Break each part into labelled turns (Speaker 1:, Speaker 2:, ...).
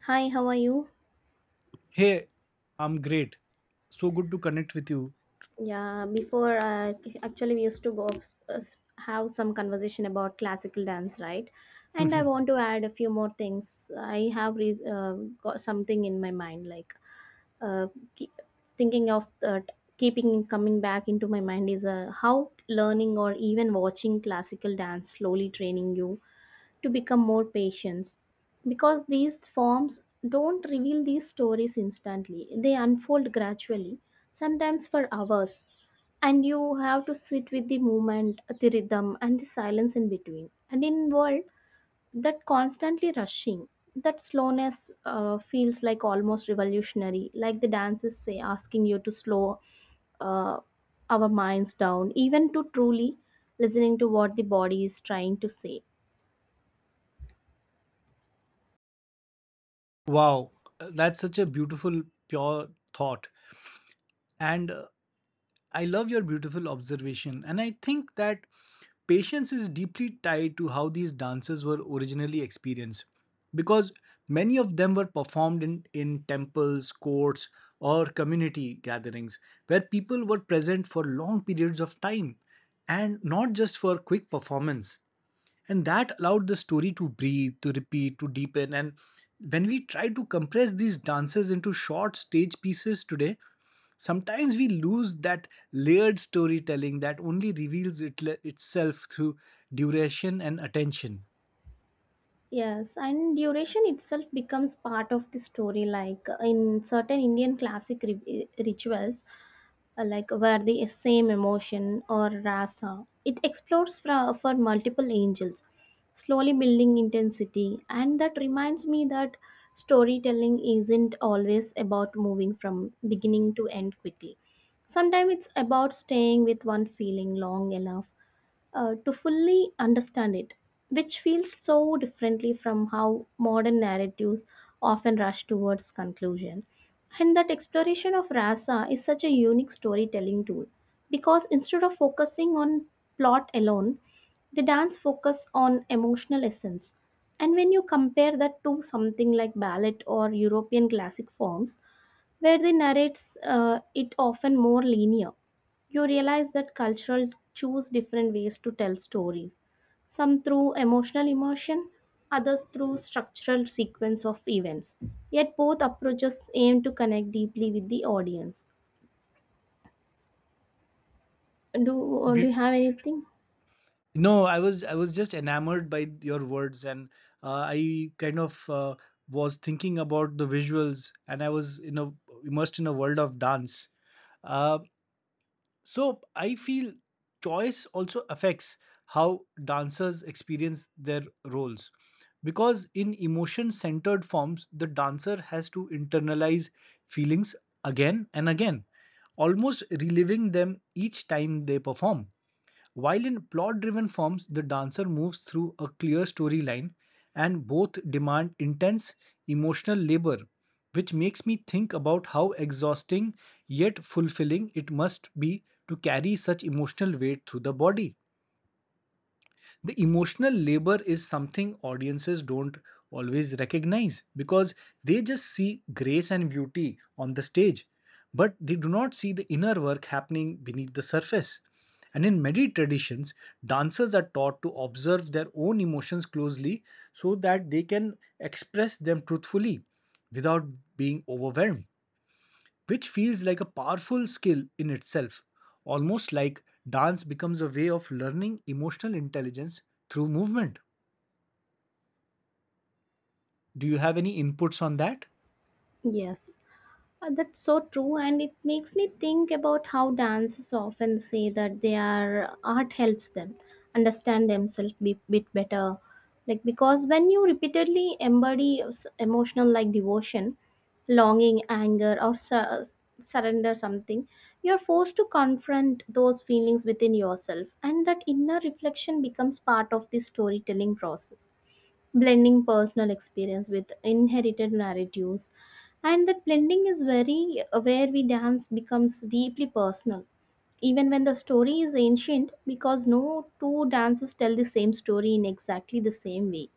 Speaker 1: Hi, how are you?
Speaker 2: Hey, I'm great. So good to connect with you.
Speaker 1: Yeah, before actually we used to go uh, have some conversation about classical dance, right? And I want to add a few more things. I have got something in my mind, like uh, keep, thinking of keeping coming back into my mind is how learning or even watching classical dance slowly training you to become more patient, because these forms don't reveal these stories instantly, they unfold gradually, sometimes for hours, and you have to sit with the movement, the rhythm, and the silence in between, and in world that constantly rushing, that slowness feels like almost revolutionary, like the dances say asking you to slow uh, our minds down, even to truly listening to what the body is trying to say.
Speaker 2: Wow, that's such a beautiful, pure thought. And I love your beautiful observation. And I think that patience is deeply tied to how these dances were originally experienced, because many of them were performed in temples, courts, or community gatherings where people were present for long periods of time and not just for quick performance. And that allowed the story to breathe, to repeat, to deepen. And when we try to compress these dances into short stage pieces today, sometimes we lose that layered storytelling that only reveals itself through duration and attention.
Speaker 1: Yes, and duration itself becomes part of the story. Like in certain Indian classic rituals, like where the same emotion or rasa, it explores for multiple angels, slowly building intensity. And that reminds me that storytelling isn't always about moving from beginning to end quickly. Sometimes it's about staying with one feeling long enough to fully understand it, which feels so differently from how modern narratives often rush towards conclusion. And that exploration of rasa is such a unique storytelling tool because instead of focusing on plot alone, the dance focus on emotional essence. And when you compare that to something like ballet or European classic forms, where they narrates it often more linear, you realize that cultural choose different ways to tell stories, some through emotional immersion, others through structural sequence of events, yet both approaches aim to connect deeply with the audience. Do do, you
Speaker 2: Be-
Speaker 1: have anything?
Speaker 2: no, I was just enamored by your words, and I kind of was thinking about the visuals, and I was in a immersed in a world of dance. Uh, So I feel choice also affects how dancers experience their roles. Because in emotion centered forms, the dancer has to internalize feelings again and again, almost reliving them each time they perform. While in plot driven forms, the dancer moves through a clear storyline, and both demand intense emotional labor, which makes me think about how exhausting yet fulfilling it must be to carry such emotional weight through the body. The emotional labor is something audiences don't always recognize, because they just see grace and beauty on the stage, but they do not see the inner work happening beneath the surface. And in many traditions, dancers are taught to observe their own emotions closely so that they can express them truthfully without being overwhelmed, which feels like a powerful skill in itself, almost like dance becomes a way of learning emotional intelligence through movement. Do you have any inputs on that?
Speaker 1: Yes. That's so true, and it makes me think about how dancers often say that their art helps them understand themselves a bit better. Like, because when you repeatedly embody emotional like devotion, longing, anger, or surrender something, you're forced to confront those feelings within yourself, and that inner reflection becomes part of the storytelling process, blending personal experience with inherited narratives. And that blending is very where we dance becomes deeply personal, even when the story is ancient, because no two dances tell the same story in exactly the same way.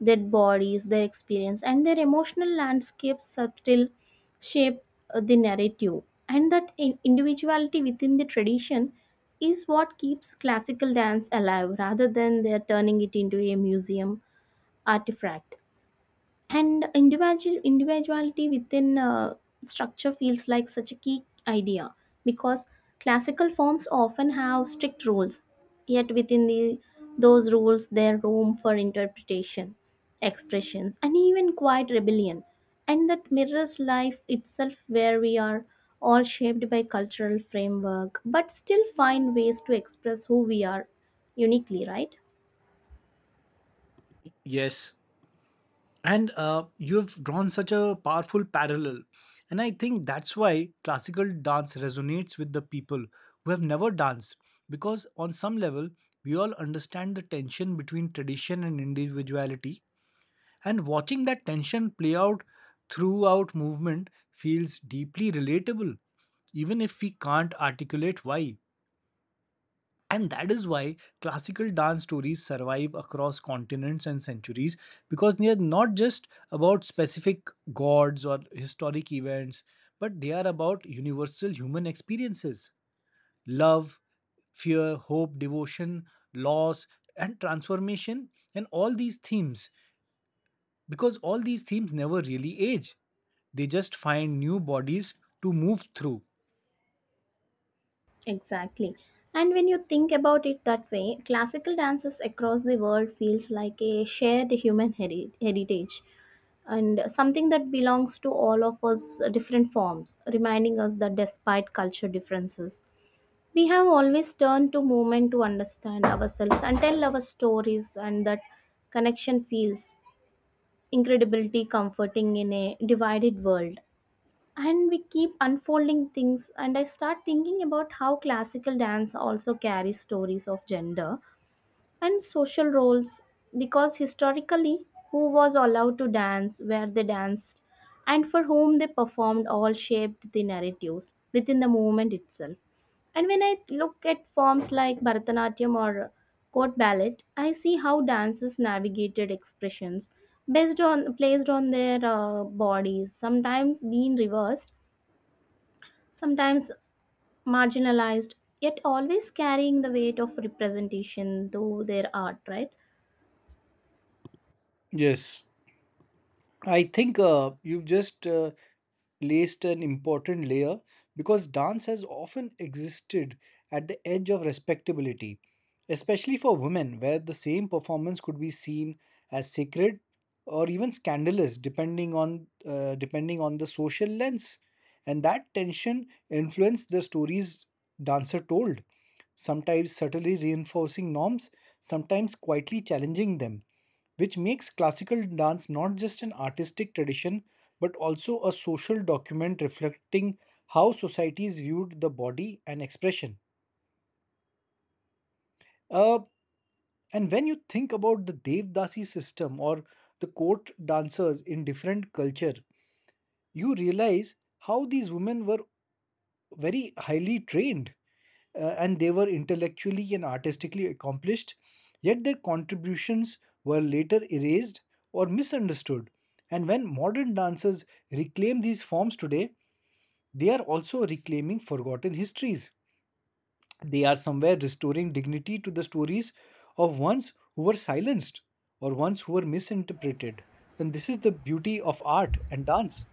Speaker 1: Their bodies, their experience, and their emotional landscapes subtle shape the narrative. And that individuality within the tradition is what keeps classical dance alive rather than they're turning it into a museum artifact. And individuality within structure feels like such a key idea, because classical forms often have strict rules, yet within the those rules there room for interpretation, expressions, and even quiet rebellion. And that mirrors life itself, where we are all shaped by cultural framework but still find ways to express who we are uniquely, right?
Speaker 2: Yes. And you have drawn such a powerful parallel. And I think that's why classical dance resonates with the people who have never danced, because on some level, we all understand the tension between tradition and individuality. And watching that tension play out throughout movement feels deeply relatable, even if we can't articulate why. And that is why classical dance stories survive across continents and centuries, because they are not just about specific gods or historic events, but they are about universal human experiences: love, fear, hope, devotion, loss, and transformation. And all these themes, because all these themes never really age. They just find new bodies to move through.
Speaker 1: Exactly. And when you think about it that way, classical dances across the world feels like a shared human heritage, and something that belongs to all of us. Different forms, reminding us that despite culture differences, we have always turned to movement to understand ourselves and tell our stories, and that connection feels incredibility comforting in a divided world. And we keep unfolding things, and I start thinking about how classical dance also carries stories of gender and social roles, because historically who was allowed to dance, where they danced, and for whom they performed all shaped the narratives within the movement itself. And when I look at forms like Bharatanatyam or court ballet, I see how dancers navigated expressions based on placed on their bodies, sometimes being reversed, sometimes marginalized, yet always carrying the weight of representation through their art, right?
Speaker 2: Yes. I think you've just placed an important layer, because dance has often existed at the edge of respectability, especially for women, where the same performance could be seen as sacred or even scandalous, depending on the social lens. And that tension influenced the stories dancer told, sometimes subtly reinforcing norms, sometimes quietly challenging them, which makes classical dance not just an artistic tradition but also a social document reflecting how societies viewed the body and expression. Uh, and when you think about the Devdasi system or the court dancers in different culture, you realize how these women were very highly trained, and they were intellectually and artistically accomplished, yet their contributions were later erased or misunderstood. And when modern dancers reclaim these forms today, they are also reclaiming forgotten histories. They are somewhere restoring dignity to the stories of ones who were silenced or ones who were misinterpreted. And this is the beauty of art and dance.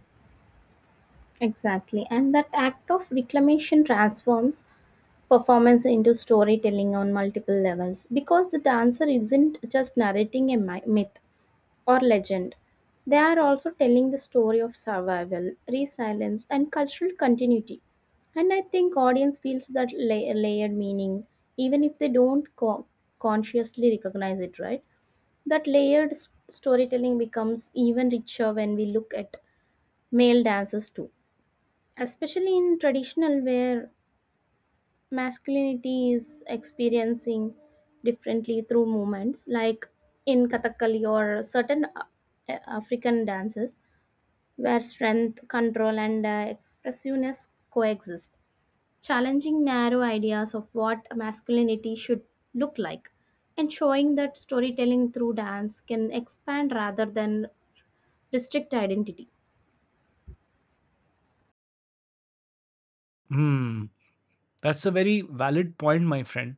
Speaker 1: Exactly. And that act of reclamation transforms performance into storytelling on multiple levels, because the dancer isn't just narrating a myth or legend. They are also telling the story of survival, resilience, and cultural continuity. And I think audience feels that layered meaning, even if they don't consciously recognize it, right? That layered storytelling becomes even richer when we look at male dancers too, especially in traditional where masculinity is experiencing differently through movements, like in Kathakali or certain African dances where strength, control, and expressiveness coexist, challenging narrow ideas of what masculinity should look like, and showing that storytelling through dance can expand rather than district identity.
Speaker 2: Hmm, that's a very valid point, my friend.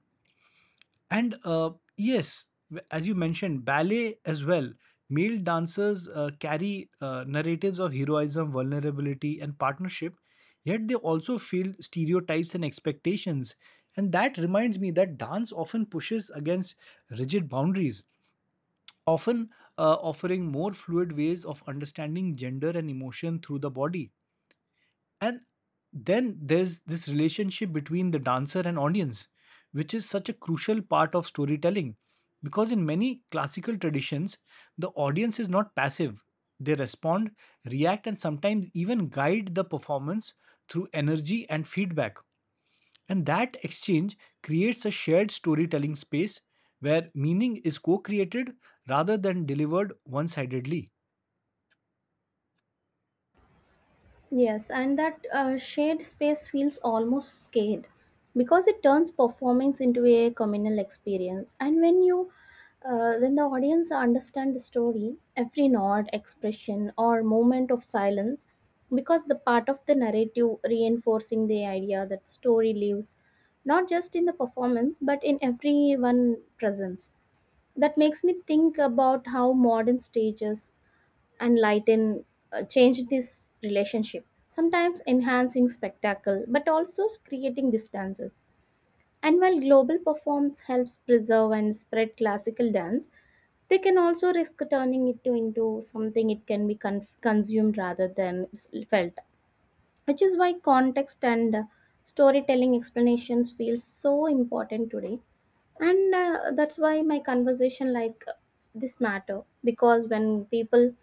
Speaker 2: And yes, as you mentioned, ballet as well. Male dancers carry narratives of heroism, vulnerability, and partnership, yet they also feel stereotypes and expectations. And that reminds me that dance often pushes against rigid boundaries, often offering more fluid ways of understanding gender and emotion through the body. And then there's this relationship between the dancer and audience, which is such a crucial part of storytelling. Because in many classical traditions, the audience is not passive. They respond, react, and sometimes even guide the performance through energy and feedback. And that exchange creates a shared storytelling space where meaning is co created rather than delivered one sidedly.
Speaker 1: Yes, and that shared space feels almost scared because it turns performance into a communal experience. And when the audience understand the story, every nod, expression, or moment of silence, because the part of the narrative reinforcing the idea that story lives, not just in the performance but in everyone presence. That makes me think about how modern stages and lighten, change this relationship, sometimes enhancing spectacle, but also creating distances. And while global performs helps preserve and spread classical dance, they can also risk turning it into something it can be consumed rather than felt, which is why context and storytelling explanations feel so important today. And that's why my conversation like this matter, because when people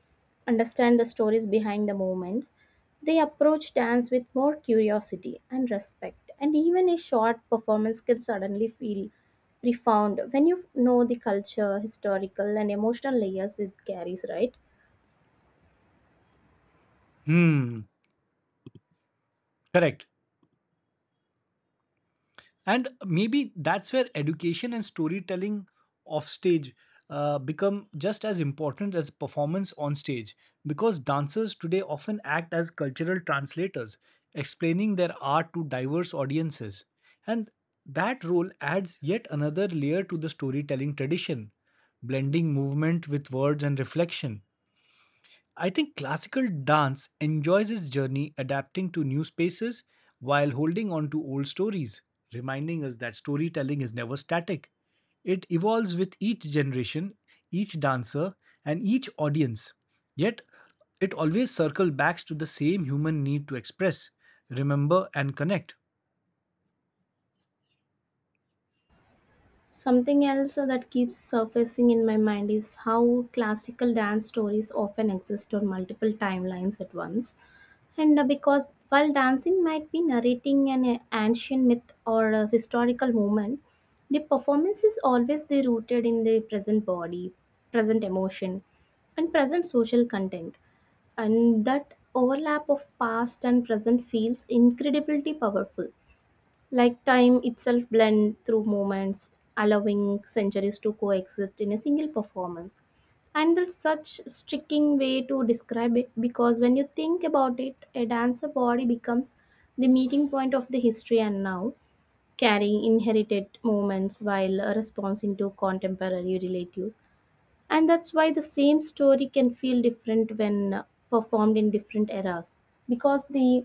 Speaker 1: understand the stories behind the movements, they approach dance with more curiosity and respect, and even a short performance can suddenly feel profound when you know the culture historical and emotional layers it carries, right?
Speaker 2: Hmm, correct. And maybe that's where education and storytelling off stage become just as important as performance on stage, because dancers today often act as cultural translators explaining their art to diverse audiences. And that role adds yet another layer to the storytelling tradition, blending movement with words and reflection. I think classical dance enjoys its journey adapting to new spaces while holding on to old stories, reminding us that storytelling is never static. It evolves with each generation, each dancer, and each audience. Yet, it always circles back to the same human need to express, remember, and connect.
Speaker 1: Something else that keeps surfacing in my mind is how classical dance stories often exist on multiple timelines at once. And because while dancing might be narrating an ancient myth or a historical moment, the performance is always the rooted in the present body, present emotion, and present social content. And that overlap of past and present feels incredibly powerful. Like time itself blend through moments, allowing centuries to coexist in a single performance. And that's such striking way to describe it, because when you think about it, a dancer body becomes the meeting point of the history and now, carrying inherited moments while responding to contemporary relatives. And that's why the same story can feel different when performed in different eras, because the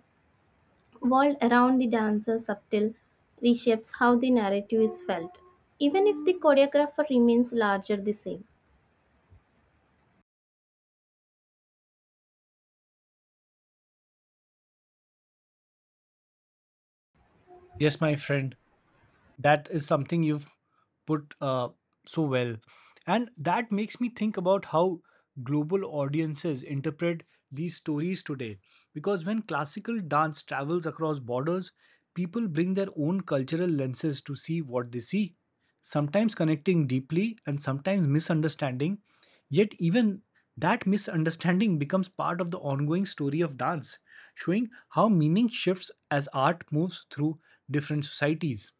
Speaker 1: world around the dancer subtle reshapes how the narrative is felt, even if the choreographer remains larger the same.
Speaker 2: Yes, my friend, that is something you've put so well, and that makes me think about how global audiences interpret these stories today, because when classical dance travels across borders, people bring their own cultural lenses to see what they see, sometimes connecting deeply and sometimes misunderstanding. Yet even that misunderstanding becomes part of the ongoing story of dance, showing how meaning shifts as art moves through different societies.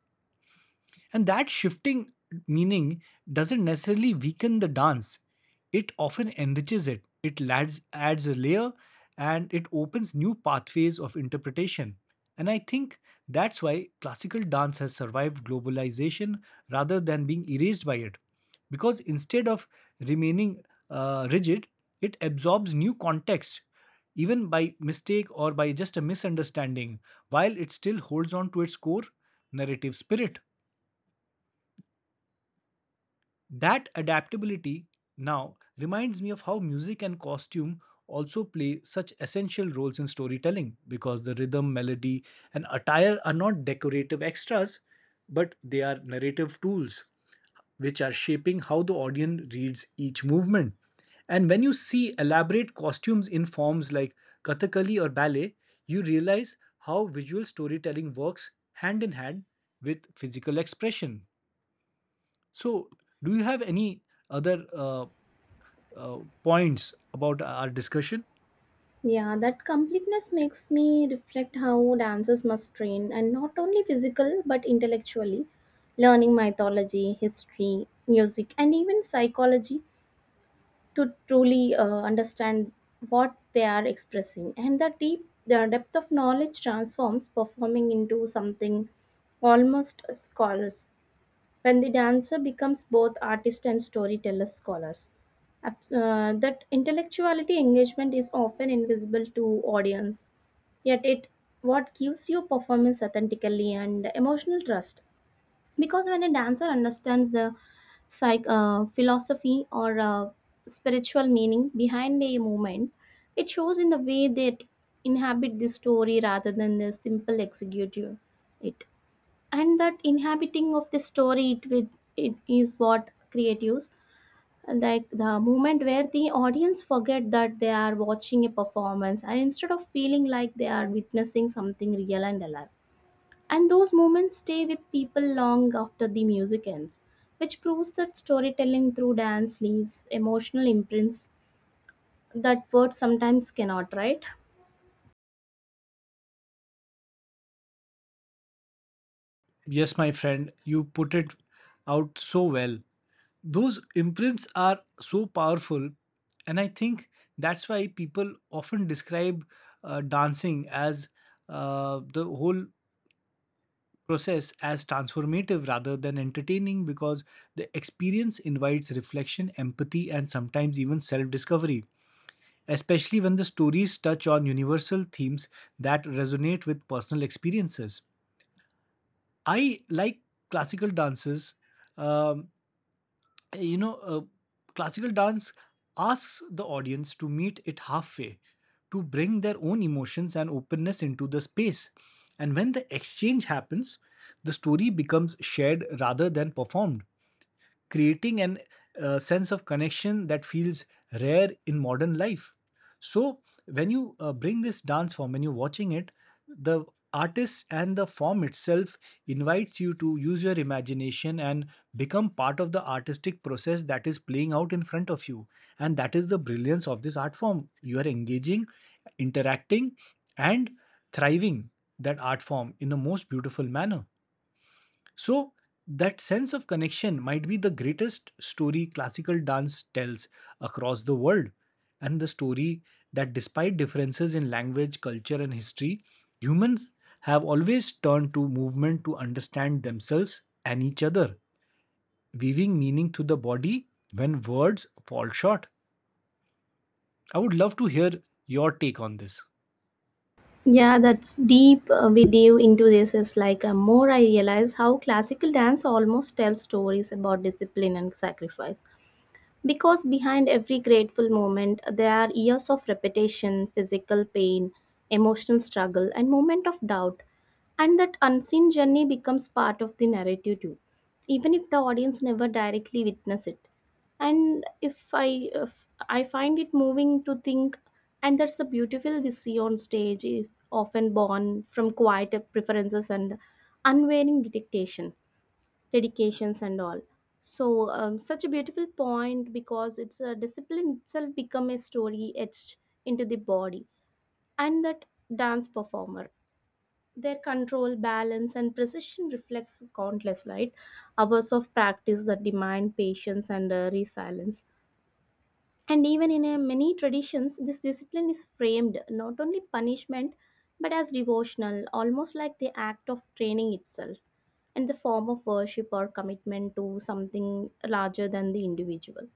Speaker 2: And that shifting meaning doesn't necessarily weaken the dance, it often enriches it. It adds a layer, and it opens new pathways of interpretation. And I think that's why classical dance has survived globalization rather than being erased by it. Because instead of remaining rigid, it absorbs new context, even by mistake or by just a misunderstanding, while it still holds on to its core narrative spirit. That adaptability now reminds me of how music and costume also play such essential roles in storytelling, because the rhythm, melody, and attire are not decorative extras, but they are narrative tools which are shaping how the audience reads each movement. And when you see elaborate costumes in forms like Kathakali or ballet, you realize how visual storytelling works hand in hand with physical expression. So, do you have any other points about our discussion?
Speaker 1: Yeah, that completeness makes me reflect how dancers must train and not only physical but intellectually, learning mythology, history, music, and even psychology to truly understand what they are expressing. And the depth of knowledge transforms performing into something almost scholars, when the dancer becomes both artist and storyteller scholars. That intellectuality engagement is often invisible to audience, yet it what gives you performance authentically and emotional trust, because when a dancer understands the psych philosophy or spiritual meaning behind a movement, it shows in the way that inhabit the story rather than the simple executive it. And that inhabiting of the story, it is what creatives like the moment where the audience forget that they are watching a performance, and instead of feeling like they are witnessing something real and alive, and those moments stay with people long after the music ends, which proves that storytelling through dance leaves emotional imprints that words sometimes cannot, right?
Speaker 2: Yes, my friend, you put it out so well. Those imprints are so powerful, and I think that's why people often describe dancing as the whole process as transformative rather than entertaining, because the experience invites reflection, empathy, and sometimes even self discovery, especially when the stories touch on universal themes that resonate with personal experiences. I like classical dances. Um, you know, uh, Classical dance asks the audience to meet it halfway, to bring their own emotions and openness into the space. And when the exchange happens, the story becomes shared rather than performed, creating an sense of connection that feels rare in modern life. So, when you bring this dance form, when you're watching it, the artist and the form itself invites you to use your imagination and become part of the artistic process that is playing out in front of you. And that is the brilliance of this art form. You are engaging, interacting, and thriving that art form in a most beautiful manner. So, that sense of connection might be the greatest story classical dance tells across the world, and the story that despite differences in language, culture, and history, humans have always turned to movement to understand themselves and each other, weaving meaning through the body when words fall short. I would love to hear your take on this.
Speaker 1: Yeah, that's deep. We dive into this is like more I realize how classical dance almost tells stories about discipline and sacrifice. Because behind every grateful moment, there are years of repetition, physical pain, emotional struggle, and moment of doubt. And that unseen journey becomes part of the narrative too, even if the audience never directly witness it. And if I find it moving to think, and that's the beautiful we see on stage, often born from quiet preferences and unwavering dedications and all. So such a beautiful point, because it's a discipline itself become a story etched into the body. And that dance performer, their control balance and precision reflects countless light hours of practice that demand patience and resilience. And even in many traditions, this discipline is framed not only punishment but as devotional, almost like the act of training itself and the form of worship or commitment to something larger than the individual.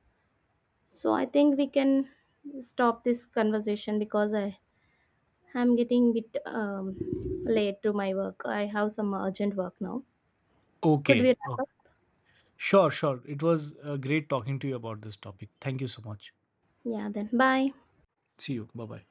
Speaker 1: So I think we can stop this conversation, because I am getting a bit late to my work. I have some urgent work now. Could we
Speaker 2: Okay.
Speaker 1: wrap
Speaker 2: Okay.
Speaker 1: up?
Speaker 2: Sure, sure. It was great talking to you about this topic. Thank you so much.
Speaker 1: Yeah, then bye.
Speaker 2: See you. Bye bye.